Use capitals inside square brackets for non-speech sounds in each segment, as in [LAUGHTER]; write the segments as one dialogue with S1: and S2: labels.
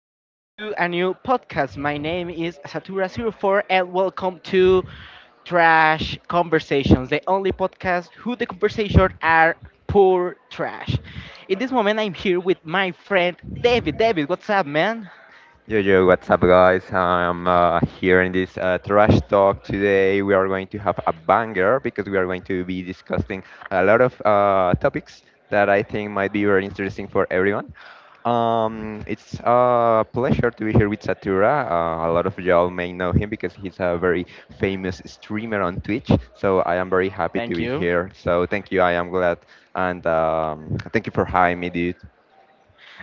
S1: back to a new podcast. My name is satura 04, and welcome to Trash Conversations, the only podcast who the conversation are poor trash. In this moment, I'm here with my friend David. David, what's up, man?
S2: Yo, what's up, guys? I'm here in this trash talk today. We are going to have a banger because we are going to be discussing a lot of topics that I think might be very interesting for everyone. It's a pleasure to be here with Satura. A lot of y'all may know him because he's a very famous streamer on Twitch. So I am very happy to
S1: Thank
S2: be
S1: you.
S2: here. So thank you. I am glad, and thank you for hiring me, dude.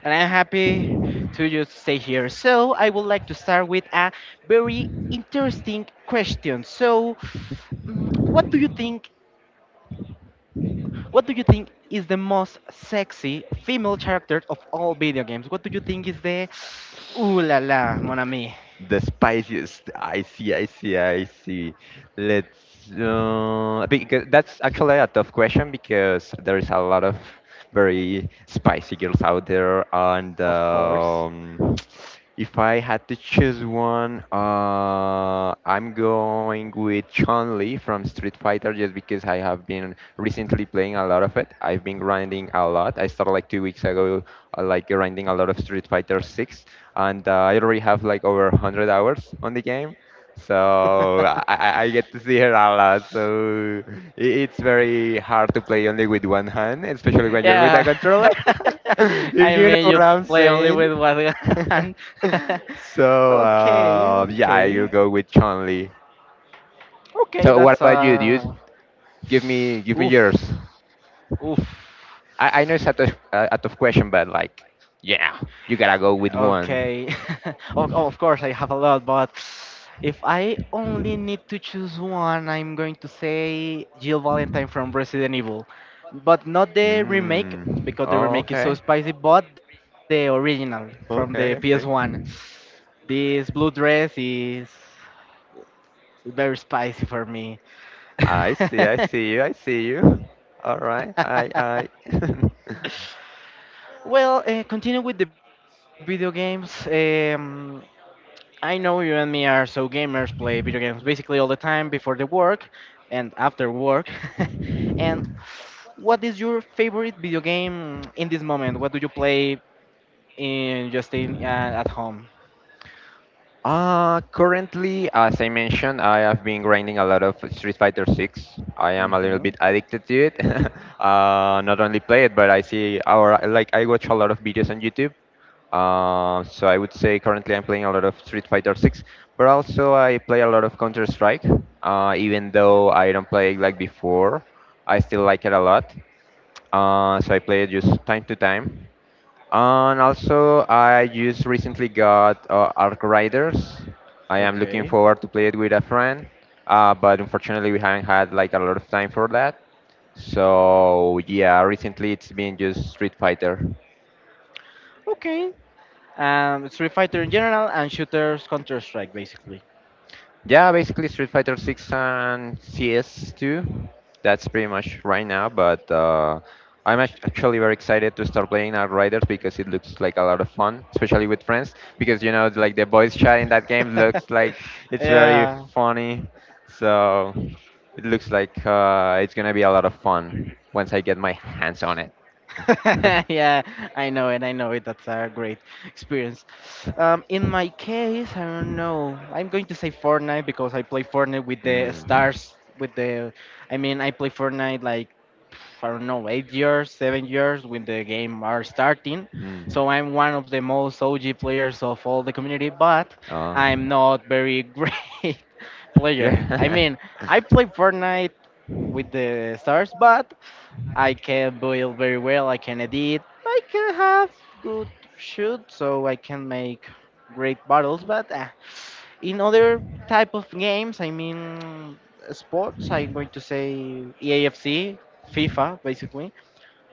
S1: And I'm happy to just stay here. So, I would like to start with a very interesting question. So, what do you think what do you think is the most sexy female character of all video games? What do you think is the ooh la la, mon ami?
S2: The spiciest. I see. Let's because that's actually a tough question because there is a lot of very spicy girls out there, and
S1: Of course.
S2: [TSK] if I had to choose one, I'm going with Chun Li from Street Fighter just because I have been recently playing a lot of it. I've been grinding a lot. I started like two weeks ago, like grinding a lot of Street Fighter 6, and I already have like over 100 hours on the game. So I,
S1: [LAUGHS]
S2: I I get to see her a lot. So it's very hard to play only with one hand, especially when you're with a
S1: Yeah.
S2: controller.
S1: [LAUGHS]
S2: [LAUGHS] If
S1: I
S2: you know
S1: made
S2: what
S1: you
S2: I'm
S1: play only
S2: saying.
S1: with one
S2: [LAUGHS]
S1: hand. [LAUGHS]
S2: So
S1: Okay,
S2: yeah, I'll
S1: okay.
S2: go with Chun Li.
S1: Okay,
S2: So what
S1: that's
S2: about you, dude?
S1: uh
S2: Give me
S1: oof.
S2: yours.
S1: Oof.
S2: I know it's a tough, a tough question, but like, yeah, you gotta go with
S1: Okay.
S2: one.
S1: [LAUGHS] Of course I have a lot, but if I only need to choose one, I'm going to say Jill Valentine from Resident Evil. But not the remake,
S2: Mm.
S1: because the
S2: Oh,
S1: remake is so
S2: okay.
S1: spicy, but the original from the
S2: Okay,
S1: PS1.
S2: okay.
S1: This blue dress is very spicy for me.
S2: I see, I
S1: [LAUGHS]
S2: see you, I see you. All right, I. [LAUGHS]
S1: Well, continue with the video games. I know you and me are so gamers, play video games basically all the time before the work and after work. [LAUGHS] And what is your favorite video game in this moment? What do you play in just in at home?
S2: Currently, as I mentioned, I have been grinding a lot of Street Fighter 6. I am a little
S1: Hmm.
S2: bit addicted to it. [LAUGHS] Not only play it, but I see our like I watch a lot of videos on YouTube. So I would say currently I'm playing a lot of Street Fighter 6, but also I play a lot of Counter Strike. Even though I don't play it like before, I still like it a lot. So I play it just time to time. And also, I just recently got Arc Riders. I am looking
S1: Okay.
S2: forward to play it with a friend, but unfortunately, we haven't had like a lot of time for that. So yeah, recently it's been just Street Fighter.
S1: Okay. Street Fighter in general and shooters Counter Strike basically.
S2: Yeah, basically Street Fighter 6 and CS2. That's pretty much right now, but actually very excited to start playing Outriders because it looks like a lot of fun, especially with friends. Because you know, like the voice chat in that game looks like
S1: [LAUGHS]
S2: it's very
S1: Yeah.
S2: funny, so it looks like it's gonna be a lot of fun once I get my hands on it.
S1: [LAUGHS]
S2: [LAUGHS]
S1: Yeah, I know it. I know it. That's a great experience. In my case, I don't know. I'm going to say Fortnite because I play Fortnite with the
S2: Mm.
S1: stars. I mean, I play Fortnite like I don't know, 8 years, 7 years when the game are starting.
S2: Mm.
S1: So I'm one of the most OG players of all the community, but
S2: Oh.
S1: I'm not very [LAUGHS] great player. I
S2: Yeah.
S1: mean, I
S2: [LAUGHS]
S1: play Fortnite with the stars, but I can build very well. I can edit. I can have good shoot, so I can make great battles. But in other type of games, I mean sports, I'm going to say EAFC, FIFA, basically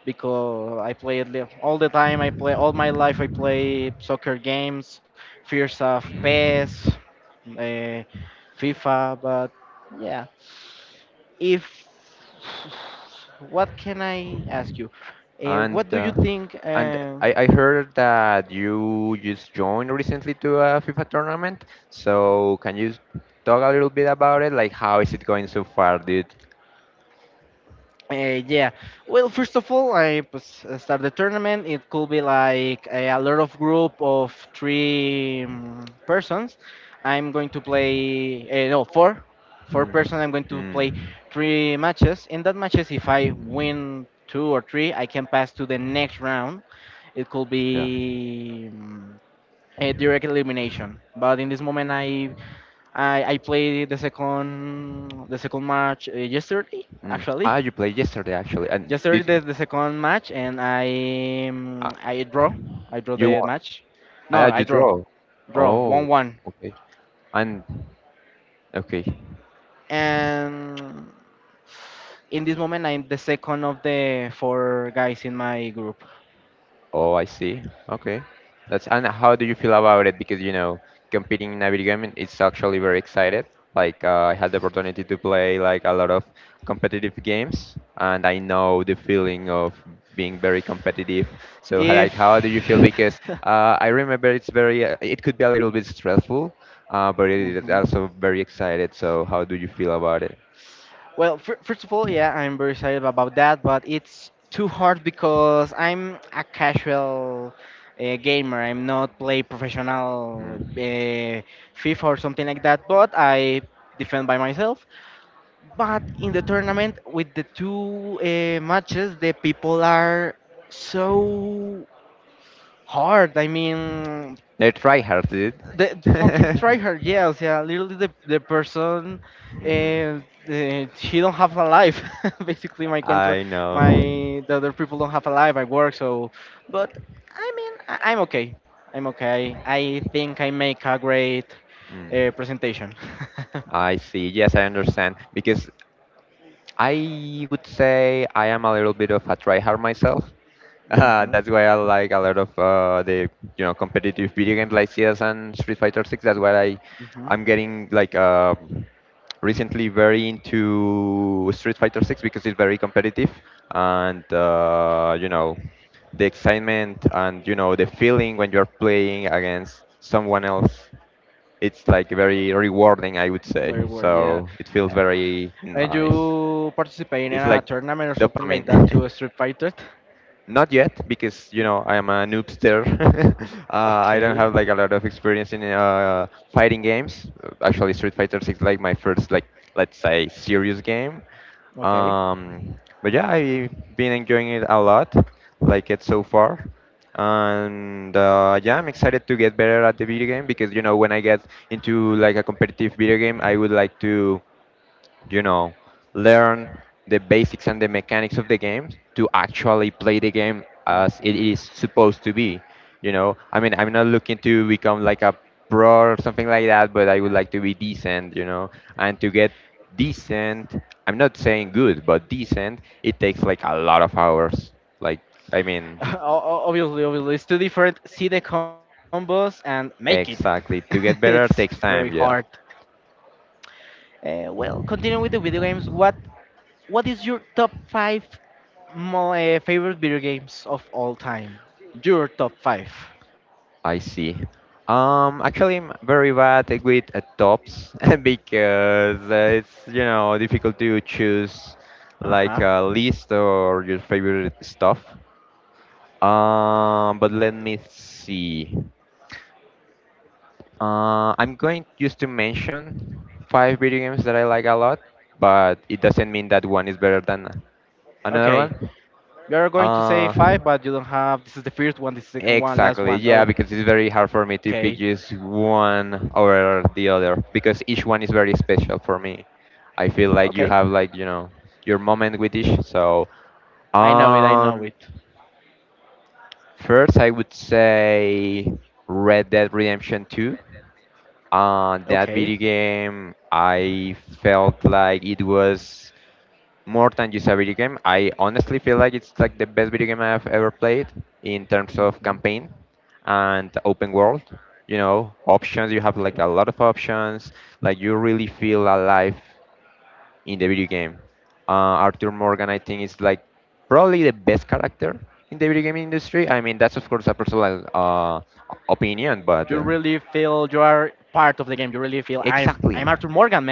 S1: because I play all the time. I play all my life. I play soccer games, fears of PES, uh, FIFA. But yeah, if what can I ask you?
S2: And
S1: What do
S2: uh,
S1: you think?
S2: and I, I heard that you just joined recently to a FIFA tournament. So can you talk a little bit about it? Like how is it going so far, dude?
S1: Yeah. Well, first of all, I start the tournament. It could be like a lot of group of three persons. I'm going to play no four, four
S2: Mm.
S1: person. I'm going to play
S2: Mm.
S1: three matches. In that matches, if I
S2: Mm.
S1: win two or three, I can pass to the next round. It could
S2: Yeah.
S1: be a direct elimination. But in this moment, I played the second match yesterday,
S2: Mm.
S1: actually
S2: Ah, you played yesterday actually, and
S1: yesterday
S2: did
S1: the second match, and
S2: uh,
S1: I draw, I draw
S2: you
S1: the
S2: won?
S1: match, no,
S2: Ah,
S1: I
S2: you
S1: draw
S2: draw.
S1: draw one
S2: Oh,
S1: one,
S2: okay. And okay.
S1: and in this moment I'm the second of the four guys in my group
S2: Oh, I see. Okay. That's and how do you feel about it? Because you know, competing in a video game, it's actually very excited. Like I had the opportunity to play like a lot of competitive games, and I know the feeling of being very competitive. So
S1: if
S2: like, how do you feel? Because
S1: [LAUGHS]
S2: I remember it's very, it could be a little bit stressful, but it is
S1: hmm.
S2: also very excited. So how do you feel about it?
S1: Well, first of all, yeah, I'm very excited about that, but it's too hard because I'm a casual gamer. I'm not play professional
S2: Mm.
S1: FIFA or something like that, but I defend by myself. But in the tournament, with the two matches, the people are so hard. I mean,
S2: They try hard, dude.
S1: the fucking tryhard.
S2: [LAUGHS]
S1: Yes, yeah. Literally, the person, uh,
S2: Mhm.
S1: she don't have a life. [LAUGHS] Basically, my country,
S2: I know.
S1: my the other people don't have a life. I work, so. But I mean, I'm okay. I'm okay. I think I make a great
S2: Mm.
S1: presentation. [LAUGHS]
S2: I see. Yes, I understand. Because I would say I am a little bit of a tryhard myself. [LAUGHS] Uh,
S1: Mhm.
S2: that's why I like a lot of the competitive video games like CS and Street Fighter 6. That's why I
S1: Mhm.
S2: I'm getting like recently very into Street Fighter 6 because it's very competitive and the excitement and the feeling when you're playing against someone else it's like very rewarding, I would say.
S1: Very well. Yeah.
S2: So it feels very
S1: And
S2: nice.
S1: you participate in
S2: It's
S1: a
S2: like
S1: tournament or something like
S2: dopamine.
S1: that
S2: [LAUGHS]
S1: to Street Fighter?
S2: Not yet, because I am a noobster. [LAUGHS] I don't
S1: Okay,
S2: have like a lot of experience in fighting games. Actually, Street Fighter 6 like my first like let's say serious game.
S1: okay.
S2: Um, but yeah, I've been enjoying it a lot, like it so far. And yeah, I'm excited to get better at the video game because when I get into like a competitive video game, I would like to you know, learn the basics and the mechanics of the games to actually play the game as it
S1: Mhm.
S2: is supposed to be. You know, I mean, I'm not looking to become like a pro or something like that, but I would like to be decent, you know, and to get decent, I'm not saying good, but decent, it takes like a lot of hours. Like, I mean,
S1: [LAUGHS] Obviously, it's two different. See the combos and make it. [LAUGHS]
S2: exactly. To get
S1: It's
S2: better
S1: very
S2: takes
S1: hard.
S2: time, yeah.
S1: Well, continuing with the video games, what is your top five favorite video games of all time? Your top five.
S2: I see. Actually, I'm very bad with tops [LAUGHS] because it's difficult to choose
S1: Uh huh.
S2: like a list or your favorite stuff. But let me see. I'm going just to mention five video games that I like a lot, but it doesn't mean that one is better than
S1: Okay.
S2: another one.
S1: You are going to say
S2: Uh,
S1: five, but you don't have. This is the first one. This is the second one. Last
S2: Exactly,
S1: one.
S2: yeah, because
S1: Okay.
S2: it's very hard for me to pick just one over the other because each one is very special for me. I
S1: Okay.
S2: feel like you have like, you know, your moment with each. So,
S1: I know it. I know
S2: um,
S1: it.
S2: first I would say Red Dead Redemption 2.
S1: Okay.
S2: That video game, I felt like it was more than just a video game. I honestly feel like it's like the best video game I've ever played in terms of
S1: Hmm.
S2: campaign and open world. You know,
S1: Okay.
S2: options, you have like a lot of options. Like you really feel alive in the video game. Uh, Arthur Morgan, I think, is like probably the best character in the video game industry. I mean, that's of course a personal
S1: You really
S2: opinion,
S1: feel you
S2: but
S1: are part of the game. You really feel I'm Arthur
S2: exactly.
S1: Morgan, man.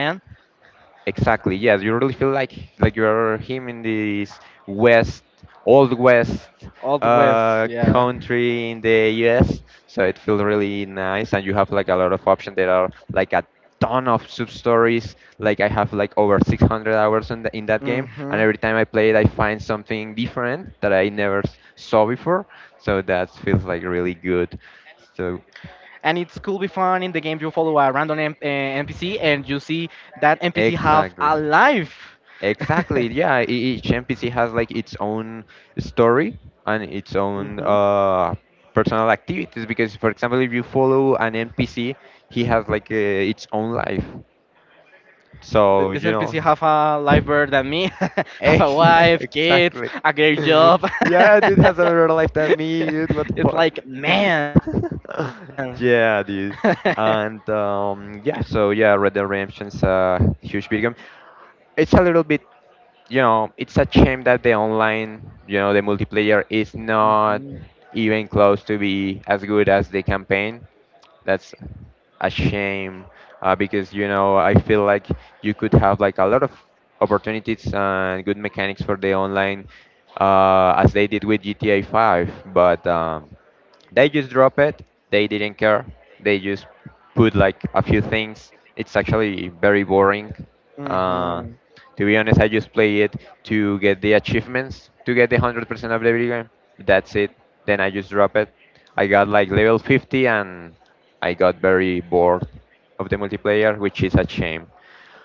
S2: Exactly. Yes, you really feel like you're him in this West, old West
S1: Always, yeah.
S2: country in the U.S. So it feels really nice, and you have like a lot of options. There are like a ton of sub stories. Like I have like over 600 hours in that game, and
S1: Hmm.
S2: every time I play it, I find something different that I never saw before. So that feels like really good.
S1: And it's
S2: So
S1: cool be fun in the game. You follow a random NPC and you see that NPC have
S2: exactly.
S1: a life. [LAUGHS]
S2: Exactly. Yeah. Each NPC has like its own story and its own
S1: Hmm.
S2: personal activities. Because, for example, if you follow an NPC, he has like its own life. So
S1: This
S2: you know.
S1: NPC have a life better than me. [LAUGHS] Have a wife,
S2: [LAUGHS]
S1: kids,
S2: Exactly.
S1: a great job.
S2: Yeah, dude has another life than me, dude. What the
S1: [LAUGHS] It's like
S2: fuck?
S1: man. [LAUGHS]
S2: [LAUGHS] Yeah, dude. And yeah, so yeah, Red Dead Redemption's a huge video game. It's a little bit you know, it's a shame that the online, you know, the multiplayer is not
S1: Hmm.
S2: even close to be as good as the campaign. That's a shame because I feel like you could have like a lot of opportunities and good mechanics for the online as they did with GTA 5, but they just drop it. They didn't care. They just put like a few things. It's actually very boring. Uh,
S1: Hmm.
S2: to be honest, I just play it to get the achievements, to get the 100% of the video game. That's it. Then I just drop it. I got like level 50 and I got very bored of the multiplayer, which is a shame.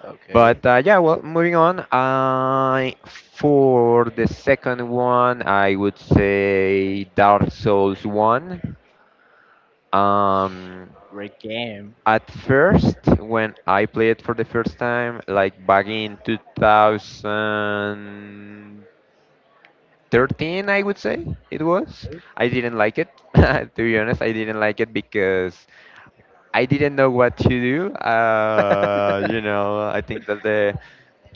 S1: Okay.
S2: But yeah, well, moving on. I For the second one, I would say Dark Souls One.
S1: Great
S2: Um,
S1: game.
S2: at first, when I played for the first time, like back in 2013, I would say it was.
S1: [LAUGHS]
S2: I didn't like it. [LAUGHS] To be honest, I didn't like it because I didn't know what to do. You know, I think that the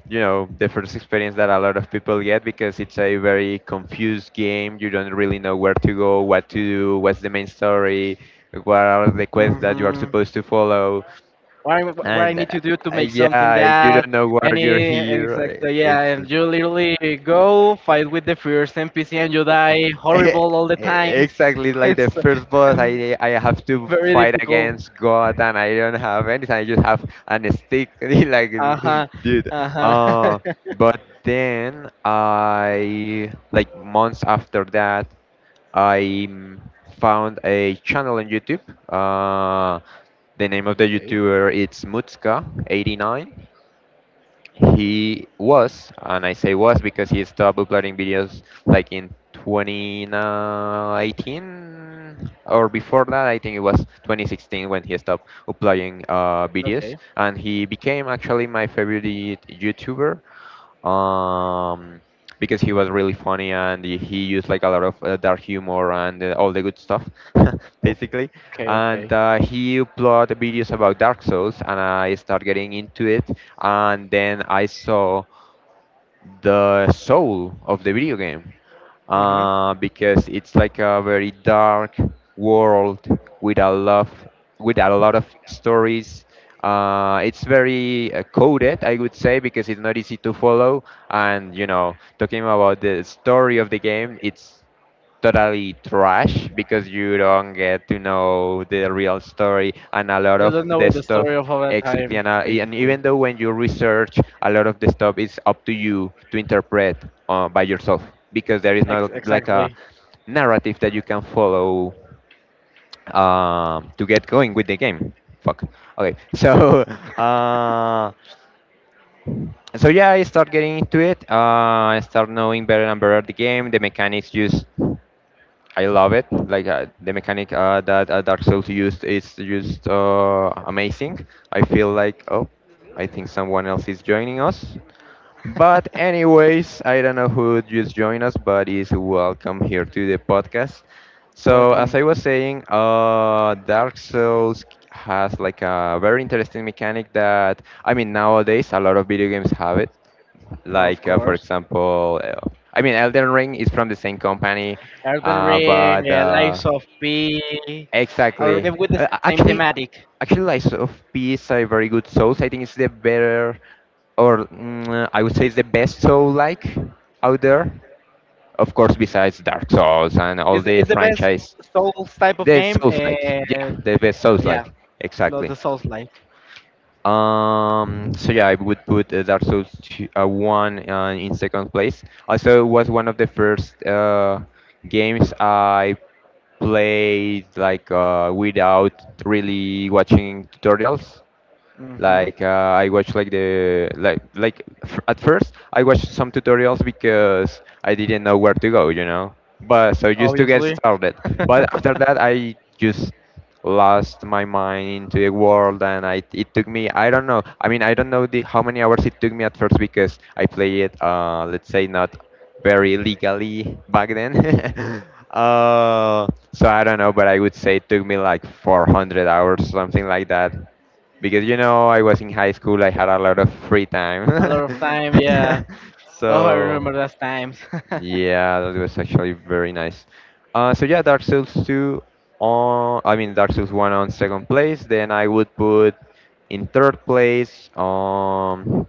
S2: the first experience that a lot of people get because it's a very confused game. You don't really know where to go, what to do, what's the main story, what
S1: Hmm.
S2: are the quests that you are supposed to follow,
S1: What I need to
S2: and
S1: do to make something
S2: yeah, you
S1: that
S2: don't know why you're
S1: any
S2: here.
S1: exactly yeah,
S2: It's
S1: and you literally go fight with the first NPC and you die
S2: [LAUGHS] E-
S1: horrible all the times.
S2: Exactly,
S1: [LAUGHS]
S2: like the
S1: It's
S2: first boss,
S1: [LAUGHS] very
S2: I have
S1: difficult.
S2: to fight against God, and I don't have anything. I just have an stick, [LAUGHS] like
S1: Uh huh.
S2: dude.
S1: Uh huh.
S2: Uh,
S1: [LAUGHS]
S2: but then I like months after that, I found a channel on YouTube. The
S1: Okay.
S2: name of the YouTuber it's Mutska89, he was, and I say was because he stopped uploading videos like in 2018 or before that, I think it was 2016 when he stopped uploading
S1: Okay.
S2: videos. And he became actually my favorite YouTuber um, because he was really funny and he used like a lot of dark humor and all the good stuff, [LAUGHS]
S1: Okay.
S2: basically.
S1: Okay.
S2: And he uploaded videos about Dark Souls, and I started getting into it. And then I saw the soul of the video game
S1: Hmm.
S2: because it's like a very dark world with a lot with a lot of stories. It's very coded, I would say, because it's not easy to follow. And you know, talking about the story of the game, it's totally trash because you don't get to know the real story and a
S1: You
S2: lot
S1: don't
S2: of
S1: know the
S2: the
S1: story of
S2: stuff
S1: all that time,
S2: exactly and, and
S1: basically.
S2: even though when you research a lot of the stuff is up to you to interpret by yourself because there is not like
S1: Exactly.
S2: a narrative that you can follow to get going with the game. Fuck, okay, so [LAUGHS] uh, so yeah, I start getting into it. I start knowing better and better the game, the mechanics. Just I love it. Like the mechanic that Dark Souls used is just amazing. I feel like, oh, I think someone else is joining us. But anyways, I don't know who just joined us, but is welcome here to the podcast. So
S1: Welcome,
S2: as I was saying, Dark Souls has like a very interesting mechanic that I mean nowadays a lot of video games have it,
S1: of
S2: like for
S1: course.
S2: example, Elden Ring is from the same company,
S1: Elden Ring,
S2: but
S1: Lies of P, are
S2: exactly
S1: game with the same
S2: a- actually
S1: thematic.
S2: actually Lies of P is a very good Souls. I think it's the better, or I would say it's the best soul like out there, of course besides Dark Souls and all
S1: Is
S2: the
S1: is the best
S2: franchise,
S1: Souls type of
S2: the
S1: game?
S2: souls like yeah, the best souls
S1: Yeah,
S2: like exactly.
S1: the Souls like.
S2: So yeah, I would put Dark Souls two, one in second place. Also, it was one of the first games I played like without really watching tutorials.
S1: Hmm.
S2: Like I watched like the like f at first I watched some tutorials because I didn't know where to go, you know. But so just to get
S1: Obviously,
S2: started.
S1: [LAUGHS]
S2: But after
S1: a
S2: that I just lost my mind into the world, and I it took me, I don't know. I mean, I don't know the how many hours it took me at first because I play it, uh, let's say not very legally back then. [LAUGHS] uh, so I don't know, but I would say it took me like 400 hours, something like that, because you know, I was in high school, I had a lot of free
S1: lot
S2: time.
S1: of time.
S2: [LAUGHS]
S1: Yeah. Oh, I
S2: So
S1: remember those times. [LAUGHS]
S2: yeah, that was actually very nice. So yeah, Dark Souls 2 on, I mean Dark Souls 1 on second place. Then I would put in third place, um,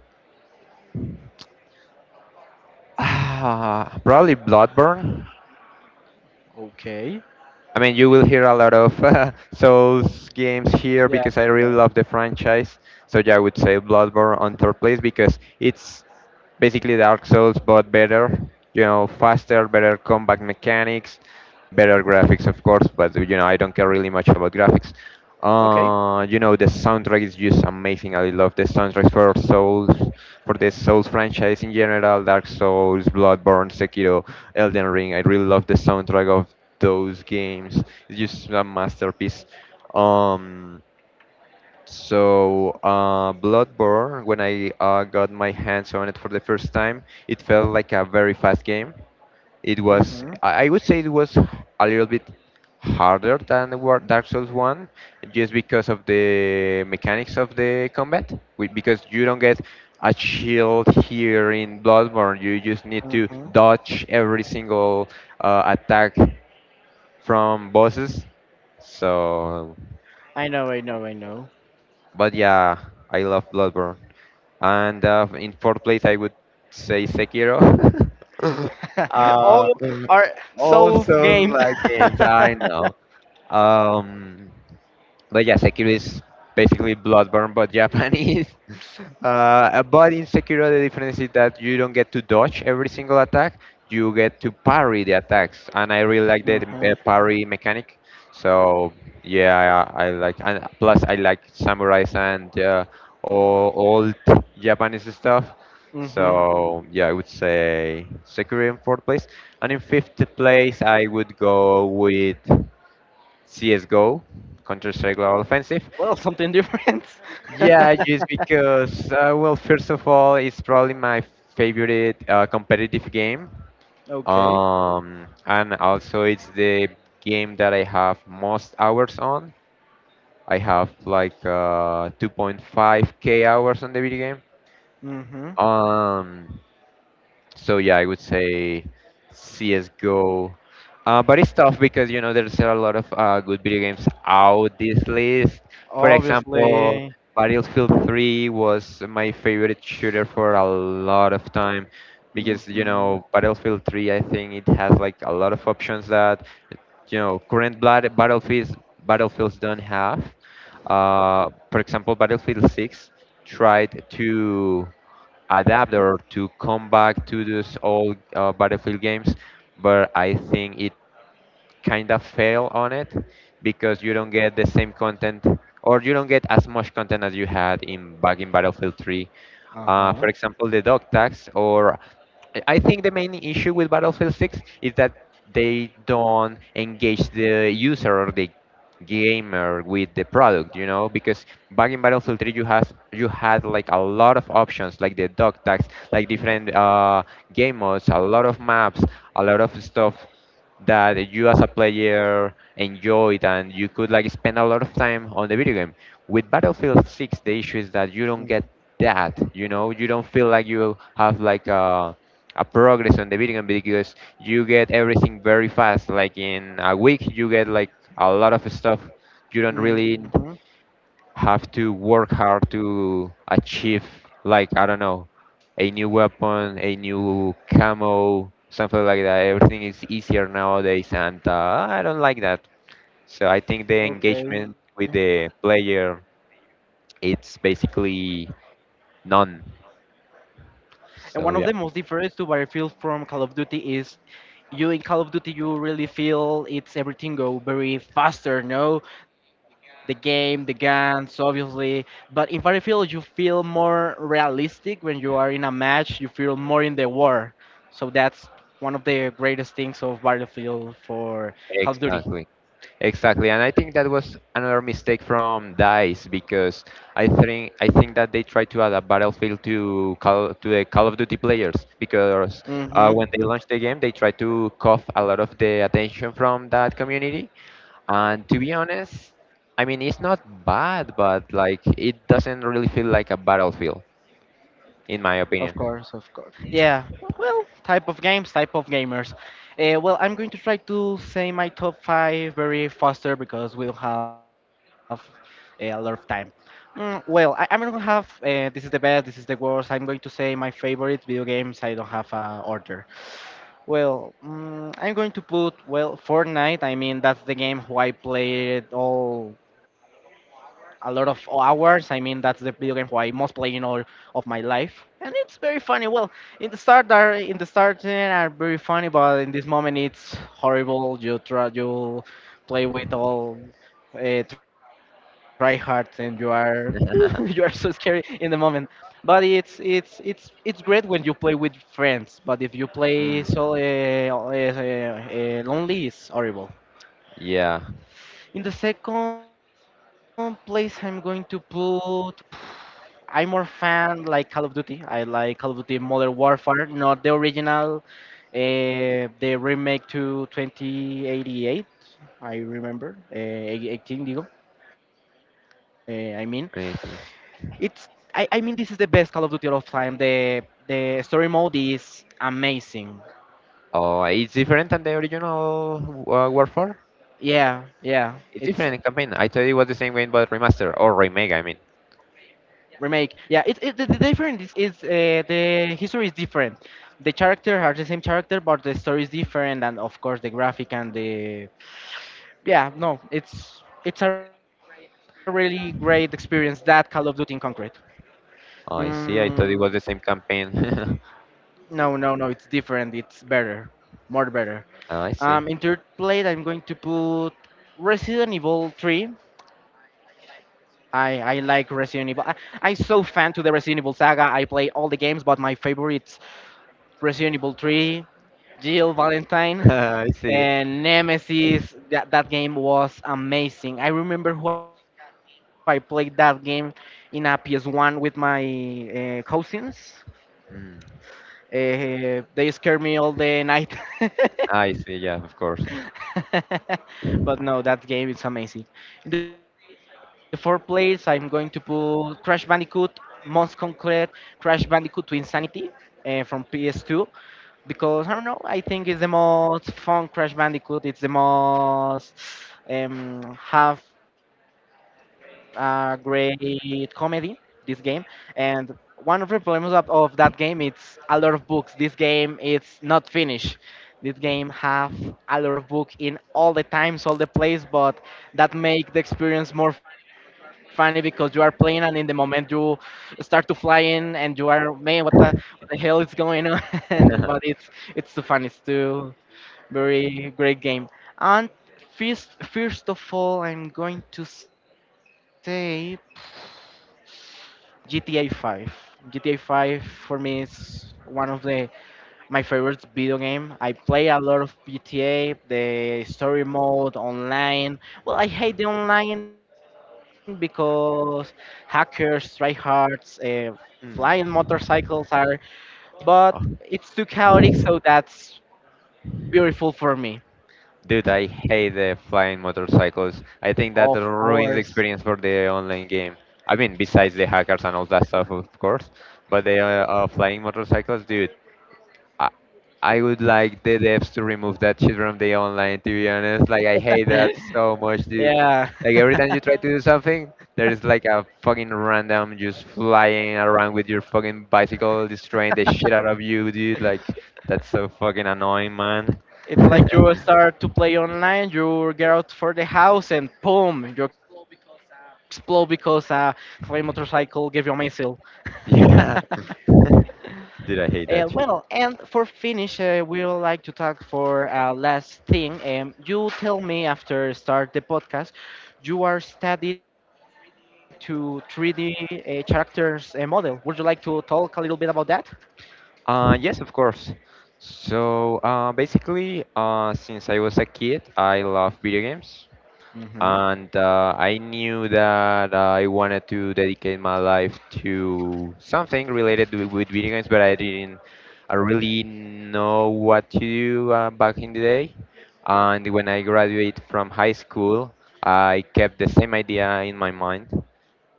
S2: [SIGHS] probably Bloodborne.
S1: Okay.
S2: I mean, you will hear a lot of [LAUGHS] Souls games here
S1: Yeah.
S2: because I really
S1: Yeah.
S2: love the franchise. So yeah, I would say Bloodborne on third place because it's basically Dark Souls, but better. You know, faster, better combat mechanics, better graphics, of course. But you know, I don't care really much about graphics.
S1: Okay.
S2: You know, the soundtrack is just amazing. I love the soundtracks for Souls, for the Souls franchise in general: Dark Souls, Bloodborne, Sekiro, Elden Ring. I really love the soundtrack of those games. It's just a masterpiece. Um, so Bloodborne, when I got my hands on it for the first time, it felt like a very fast game. It was,
S1: Mm-hmm.
S2: I would say, it was a little bit harder than the Dark Souls one, just because of the mechanics of the combat. Because you don't get a shield here in Bloodborne, you just need to
S1: Mm-hmm.
S2: dodge every single attack from bosses. So,
S1: I know. I know. I know.
S2: but yeah, I love Bloodborne. And in fourth place, I would say Sekiro. [LAUGHS]
S1: [LAUGHS] All
S2: uh,
S1: our Souls
S2: Also,
S1: games.
S2: like games,
S1: [LAUGHS]
S2: I know. Um, but yeah, Sekiro is basically Bloodborne but Japanese. [LAUGHS] But in Sekiro, the difference is that you don't get to dodge every single attack; you get to parry the attacks, and I really like the
S1: Mhm.
S2: parry mechanic. So yeah, I like, and plus I like samurais and all old Japanese stuff.
S1: Hmm.
S2: So yeah, I would say Sekiro in fourth place, and in fifth place I would go with CSGO, Counter Strike Global Offensive.
S1: Well, something different. [LAUGHS]
S2: Yeah, just because, well, first of all, it's probably my favorite competitive game.
S1: Okay.
S2: And also, it's the game that I have most hours on. I have like 2.5k hours on the video
S1: Mhm.
S2: game. So yeah, I would say CS:GO. But it's tough because you know there's a lot of good video games out this list. For example,
S1: Obviously.
S2: Battlefield 3 was my favorite shooter for a lot of time because, you
S1: Mhm.
S2: know, Battlefield 3, I think it has like a lot of options that, you know, current blood battlefields, battlefields don't have. For example, Battlefield 6 tried to adapter to come back to those old Battlefield games, but I think it kind of failed on it because you don't get the same content or you don't get as much content as you had in back in Battlefield 3,
S1: Uh
S2: for
S1: huh.
S2: example, the dog tags. Or I think the main issue with Battlefield 6 is that they don't engage the user or the gamer with the product, you know, because back in Battlefield 3 you has you had like a lot of options, like the dog tags, like different game modes, a lot of maps, a lot of stuff that you as a player enjoyed, and you could like spend a lot of time on the video game. With Battlefield 6 the issue is that you don't get
S1: Mm-
S2: that, you know. You don't feel like you have like a progress on the video game because you get everything very fast, like in a week you get like a lot of stuff. You don't really
S1: Mhm.
S2: have to work hard to achieve, like, I don't know, a new weapon, a new camo, something like that. Everything is easier nowadays, and I don't like that. So I think the
S1: Okay.
S2: engagement with the player, it's basically none.
S1: And one
S2: So
S1: of
S2: yeah,
S1: the most difference to Battlefield from Call of Duty is you in Call of Duty you really feel it's everything go very faster, no? The game, the guns, obviously. But in Battlefield you feel more realistic when you are in a match, you feel more in the war. So that's one of the greatest things of Battlefield for Call of Duty.
S2: exactly, exactly, and I think that was another mistake from Dice, because I think that they tried to add a battlefield to Call, to the Call of Duty players, because
S1: Mm-hmm.
S2: when they launched the game, they tried to cough a lot of the attention from that community. And to be honest, I mean, it's not bad, but like it doesn't really feel like a battlefield, in my
S1: Of
S2: opinion.
S1: course, of course. Yeah, well, type of games, type of gamers. Well, I'm going to try to say my top five very faster because we'll have a lot of time. Mm, well, I'm going to have this is the best, this is the worst. I'm going to say my favorite video games. I don't have a order. Well, I'm going to put well Fortnite. I mean, that's the game who I played all a lot of hours. I mean, that's the video game who I most play in all of my life, and it's very funny. Well, in the start, are in the starting are very funny, but in this moment it's horrible. You try you play with all tryhards, and you are [LAUGHS] you are so scary
S2: [LAUGHS]
S1: in the moment. But it's great when you play with friends. But if you play
S2: Mm,
S1: so lonely, it's horrible.
S2: yeah,
S1: In the second place, I'm going to put. [SIGHS] I'm more fan like Call of Duty. I like Call of Duty Modern Warfare, not the original, the remake to 2088. I remember 18, digo. I mean, it's
S2: I.
S1: I mean this is the best Call of Duty of all time. The story mode is amazing.
S2: Oh, it's different than the original Warfare.
S1: Yeah, yeah.
S2: It's
S1: It's
S2: different in campaign. I thought it was the same game but remaster or remake. I mean.
S1: remake. Yeah, it's the difference is the history is different. The character are the same character, but the story is different, and of course the graphic and the yeah. No, it's a really great experience that Call of Duty in concrete.
S2: I see. I thought it
S1: Mm,
S2: was the same campaign.
S1: no, no, no. It's different. It's better, more better.
S2: [LAUGHS] I see.
S1: In third place, I'm going to put Resident Evil 3. I like Resident Evil. I'm so fan to the Resident Evil saga. I play all the games, but my favorites Resident Evil 3, Jill Valentine,
S2: [LAUGHS] I see.
S1: and Nemesis. That, that game was amazing. I remember who I played that game in a PS1 with my cousins.
S2: Mm.
S1: They scared me all the night. [LAUGHS]
S2: I see. Yeah, of course. [LAUGHS]
S1: [LAUGHS] But no, that game is amazing. In the fourth place, I'm going to put Crash Bandicoot, Most Concrete, Crash Bandicoot to Insanity from PS2 because I don't know, I think it's the most fun Crash Bandicoot. It's the most have a great comedy, this game. And one of the problems of that game it's a lot of books. This game it's not finished. This game have a lot of book in all the times, all the place, but that make the experience more funny because you are playing and in the moment you start to fly in and you are man, what the hell is going on? [LAUGHS] But it's too funny, it's too very great game. And first, first of all, I'm going to say GTA 5. GTA 5 for me is one of the my favorite video game. I play a lot of GTA, the story mode, online. Well, I hate the online because hackers, tryhards, flying
S2: Mm.
S1: motorcycles are, but
S2: Oh,
S1: it's too chaotic, so that's beautiful for me.
S2: dude, I hate the flying motorcycles. I think that
S1: Of
S2: ruins the
S1: course.
S2: experience for the online game. I mean, besides the hackers and all that stuff, of course, but the flying motorcycles, dude, I I would like the devs to remove that shit from the online. To be honest, like, I hate that so
S1: [LAUGHS]
S2: much, dude.
S1: Yeah,
S2: Like every time
S1: [LAUGHS]
S2: you try to do something, there is like a fucking random just flying around with your fucking bicycle, destroying the shit out of you, dude. Like, that's so fucking annoying, man.
S1: it's like you
S2: [LAUGHS]
S1: start to play online, you get out for the house, and boom, you explode because a flame motorcycle gave you a missile. [LAUGHS]
S2: Yeah, [LAUGHS] dude, I hate that
S1: Well,
S2: shit.
S1: and for finish, we would like to talk for last thing. You tell me after start the podcast, you are study to 3D characters model. Would you like to talk a little bit about that?
S2: Yes, of course. So, basically, since I was a kid, I love video games,
S1: Mm-hmm.
S2: and I knew that I wanted to dedicate my life to something related to, with video games, but I didn't I really know what to do back in the day. And when I graduated from high school, I kept the same idea in my mind,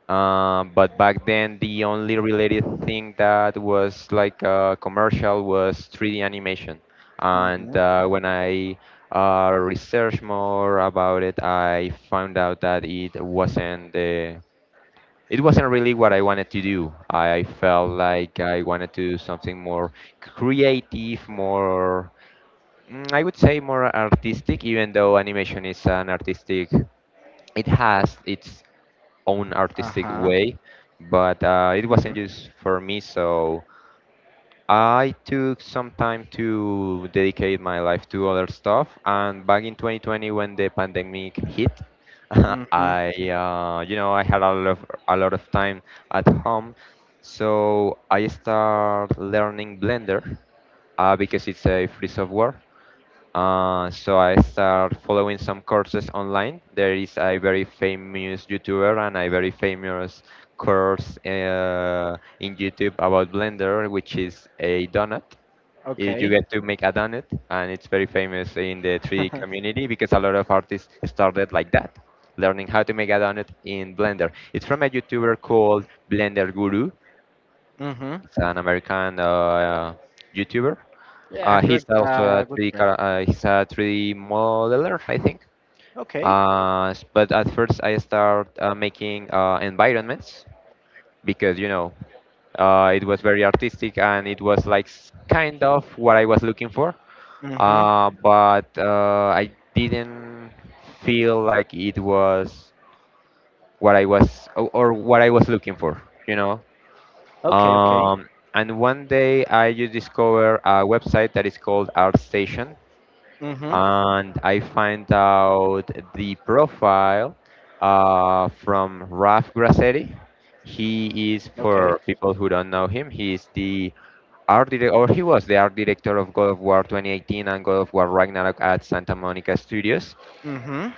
S2: but back then, the only related thing that was like commercial was 3D animation. And
S1: Mm-hmm.
S2: when I researched more about it, I found out that it wasn't really what I wanted to do. I felt like I wanted to do something more creative, more, I would say more artistic, even though animation is an artistic. It has its
S1: Uh-huh.
S2: own artistic way, but
S1: Mm-hmm.
S2: it wasn't just for me. So I took some time to dedicate my life to other stuff. And back in 2020, when the pandemic hit, [LAUGHS]
S1: Mm-hmm.
S2: I, you know, I had a lot of time at home, so I start learning Blender because it's a free software. So I start following some courses online. There is a very famous YouTuber and a very famous course in YouTube about Blender, which is a donut. You
S1: Okay.
S2: get to make a donut, and it's very famous in the 3D
S1: [LAUGHS]
S2: community because a lot of artists started like that, learning how to make a donut in Blender. It's from a YouTuber called Blender Guru.
S1: Mhm.
S2: It's an American YouTuber,
S1: Yeah,
S2: uh,
S1: good.
S2: he's also
S1: Good
S2: a 3D
S1: friend.
S2: car- uh, he's a 3D modeler, I think.
S1: Okay.
S2: But at first, I start making environments because it was very artistic and it was like kind of what I was looking for.
S1: Mhm.
S2: But I didn't feel like it was what I was or what I was looking for, you know.
S1: Okay. Okay.
S2: And one day I just discovered a website that is called ArtStation,
S1: Mhm.
S2: and I find out the profile from Raf Grassetti.
S1: Okay.
S2: He is, for people who don't know him, he is the art director, or he was the art director of God of War 2018 and God of War Ragnarok at Santa Monica Studios,
S1: Mhm.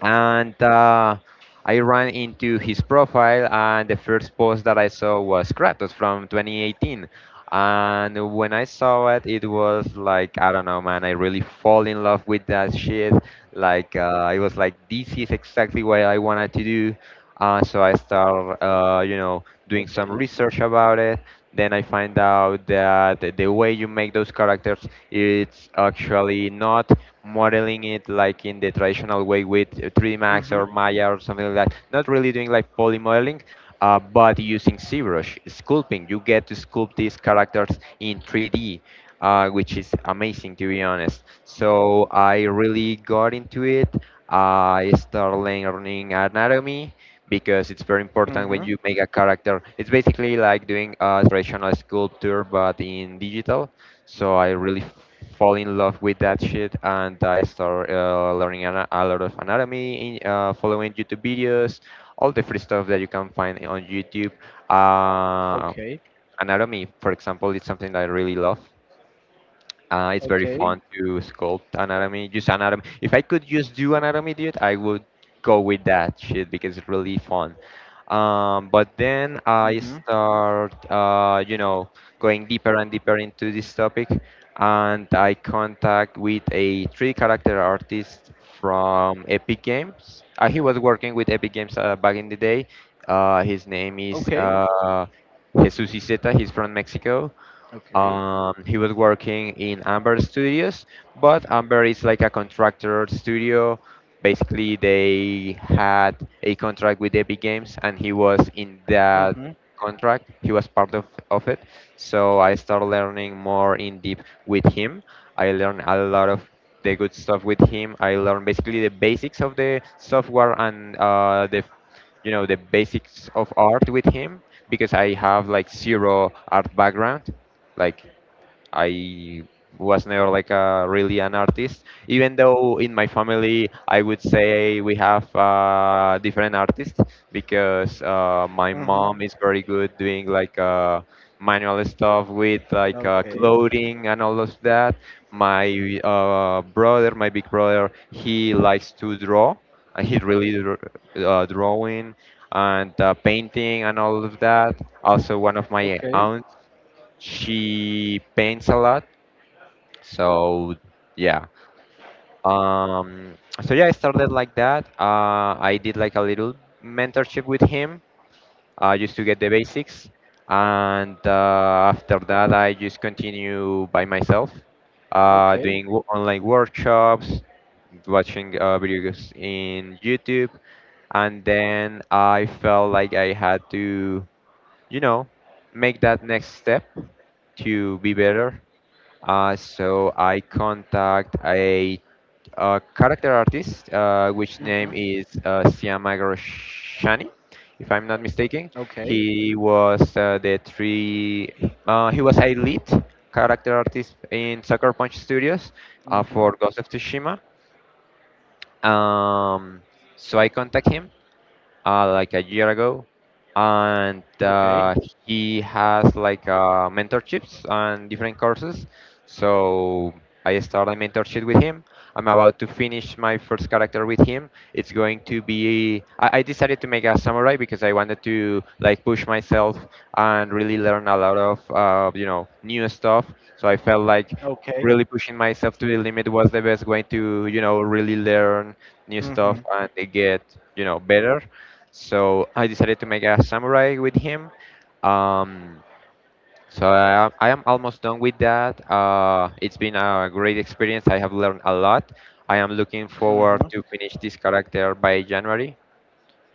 S2: and I ran into his profile, and the first post that I saw was Kratos from 2018. And when I saw it, it was like, I don't know, man, I really fall in love with that shit. Like, I was like, this is exactly what I wanted to do. So I start,
S1: Okay.
S2: doing some research about it. Then I find out that the way you make those characters, it's actually not modeling it like in the traditional way with 3D Max
S1: Mhm.
S2: or Maya or something like that. Not really doing like poly modeling, but using ZBrush sculpting. You get to sculpt these characters in 3D, which is amazing, to be honest. So I really got into it. I started learning anatomy because
S1: Mhm.
S2: it's very important when you make a character. It's basically like doing a traditional sculpture but in digital. So I really fall in love with that shit, and I start learning a lot of anatomy, following YouTube videos, all the free stuff that you can find on YouTube.
S1: Okay.
S2: Uh, Anatomy, for example, is something that I really love. It's very fun
S1: Okay.
S2: to sculpt anatomy, just anatomy. If I could just do anatomy, dude, I would go with that shit because it's really fun. But
S1: Mhm.
S2: then I start, going deeper and deeper into this topic, and I contact with a 3D character artist from Epic Games. He was working with Epic Games back in the day.
S1: Okay.
S2: His name is Jesus Iseta. He's from Mexico.
S1: Okay.
S2: He was working in Amber Studios, but Amber is like a contractor studio. Basically, they had a contract with Epic Games, and he was
S1: Mhm.
S2: in that contract. He was part of it. So I started learning more in deep with him. I learned a lot of the good stuff with him. I learned basically the basics of the software and the the basics of art with him because I have like zero art background. Like I was never like a really an artist, even though in my family I would say we have different artists because
S1: Mhm.
S2: my mom is very good doing like manual stuff with like
S1: Okay.
S2: clothing and all of that. My brother, my big brother, he likes to draw. And he really drawing and painting and all of that. Also, one of my,
S1: Okay.
S2: she paints a lot, so yeah. Um so yeah, I started like that. I did like a little mentorship with him just to get the basics, and after that I just continue by myself
S1: Okay.
S2: doing online workshops, watching videos in YouTube, and then I felt like I had to, you know make that next step to be better. So I contact a character artist, which name
S1: Mhm.
S2: is Siamagroshani, if I'm not
S1: Okay.
S2: mistaken. He was the three. He was a lead character artist in Sucker Punch Studios
S1: Mhm.
S2: for Ghost of Tsushima. Um, so I contact him like a year ago, and he has like mentorships and different courses. So I started a mentorship with him. I'm about to finish my first character with him. It's going to be. I decided to make a samurai because I wanted to like push myself and really learn a lot of new stuff. So I
S1: Okay. Okay.
S2: felt like really pushing myself to the limit was the best way to, really learn new stuff
S1: Mhm.
S2: and get, better, so I decided to make a samurai with him. Um, I am almost done with that. It's been a great experience. I have learned a lot. I am looking
S1: Mhm.
S2: forward to finish this character by January.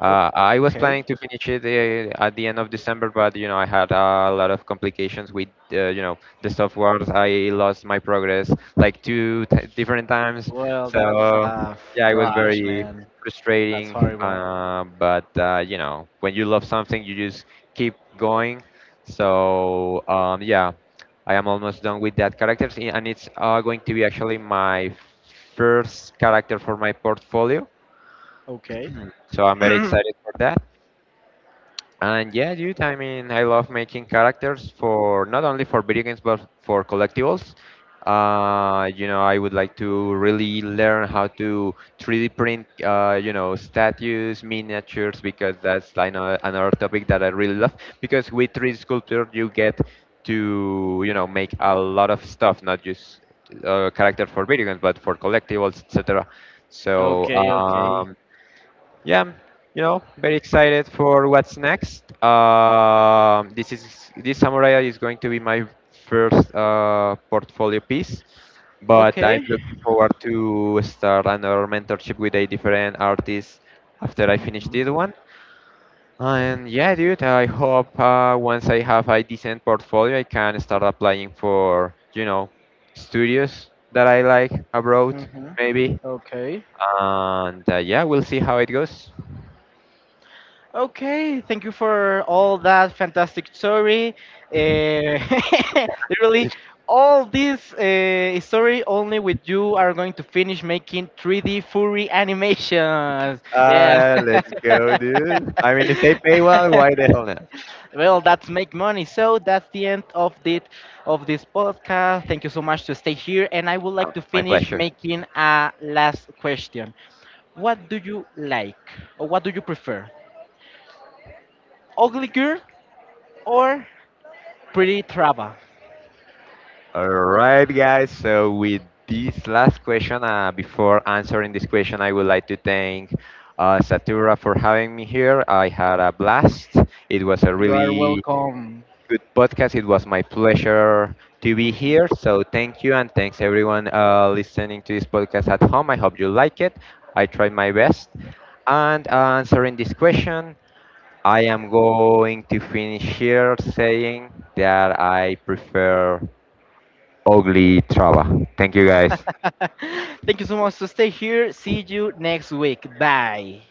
S2: I was planning to finish it at the end of December, but I had a lot of complications with the software. I lost my progress like two different
S1: Well,
S2: times,
S1: that's
S2: so
S1: trash,
S2: yeah, it was
S1: man.
S2: very
S1: That's horrible.
S2: frustrating. But you know when you love something, you just keep going. So yeah, I am almost done with that characters, and it's going to be actually my first character for my portfolio.
S1: Okay.
S2: So I'm very
S1: [CLEARS THROAT]
S2: excited for that. And yeah, dude, I mean, I love making characters for, not only for video games, but for collectibles. I would like to really learn how to 3D print, statues, miniatures, because that's, I know, another topic that I really love. Because with 3D sculpture, you get to, make a lot of stuff, not just character for video games, but for collectibles, etc. So,
S1: Okay, okay.
S2: yeah, I'm, very excited for what's next. This samurai is going to be my first portfolio piece, but I'm
S1: Okay.
S2: looking forward to start another mentorship with a different artist after I finish
S1: Mhm.
S2: this one. And yeah, dude, I hope once I have a decent portfolio, I can start applying for, studios that I like abroad,
S1: Mm-hmm.
S2: maybe.
S1: Okay.
S2: And yeah, we'll see how it goes.
S1: Okay. Thank you for all that fantastic story. Uh, [LAUGHS] literally, all this story only with you are going to finish making 3D furry animations. Yeah.
S2: Let's go, dude. I mean, if they pay well, why the
S1: [LAUGHS]
S2: hell not?
S1: Well, that's make money. So that's the end of the of this podcast. Thank you so much to stay here, and I would
S2: Oh,
S1: like to
S2: my
S1: finish
S2: pleasure.
S1: making a last question. What do you like or what do you prefer? Ugly girl or pretty traba?
S2: All right, guys. So with this last question, before answering this question, I would like to thank Satura for having me here. I had a blast. It was a
S1: You are
S2: really
S1: welcome.
S2: good podcast. It was my pleasure to be
S1: Mhm.
S2: here. So thank you, and thanks everyone listening to this podcast at home. I hope you like it. I tried my best. And answering this question, I am going to finish here saying that I prefer ugly trava. Thank you, guys.
S1: [LAUGHS] Thank you so much to stay here. See you next week. Bye.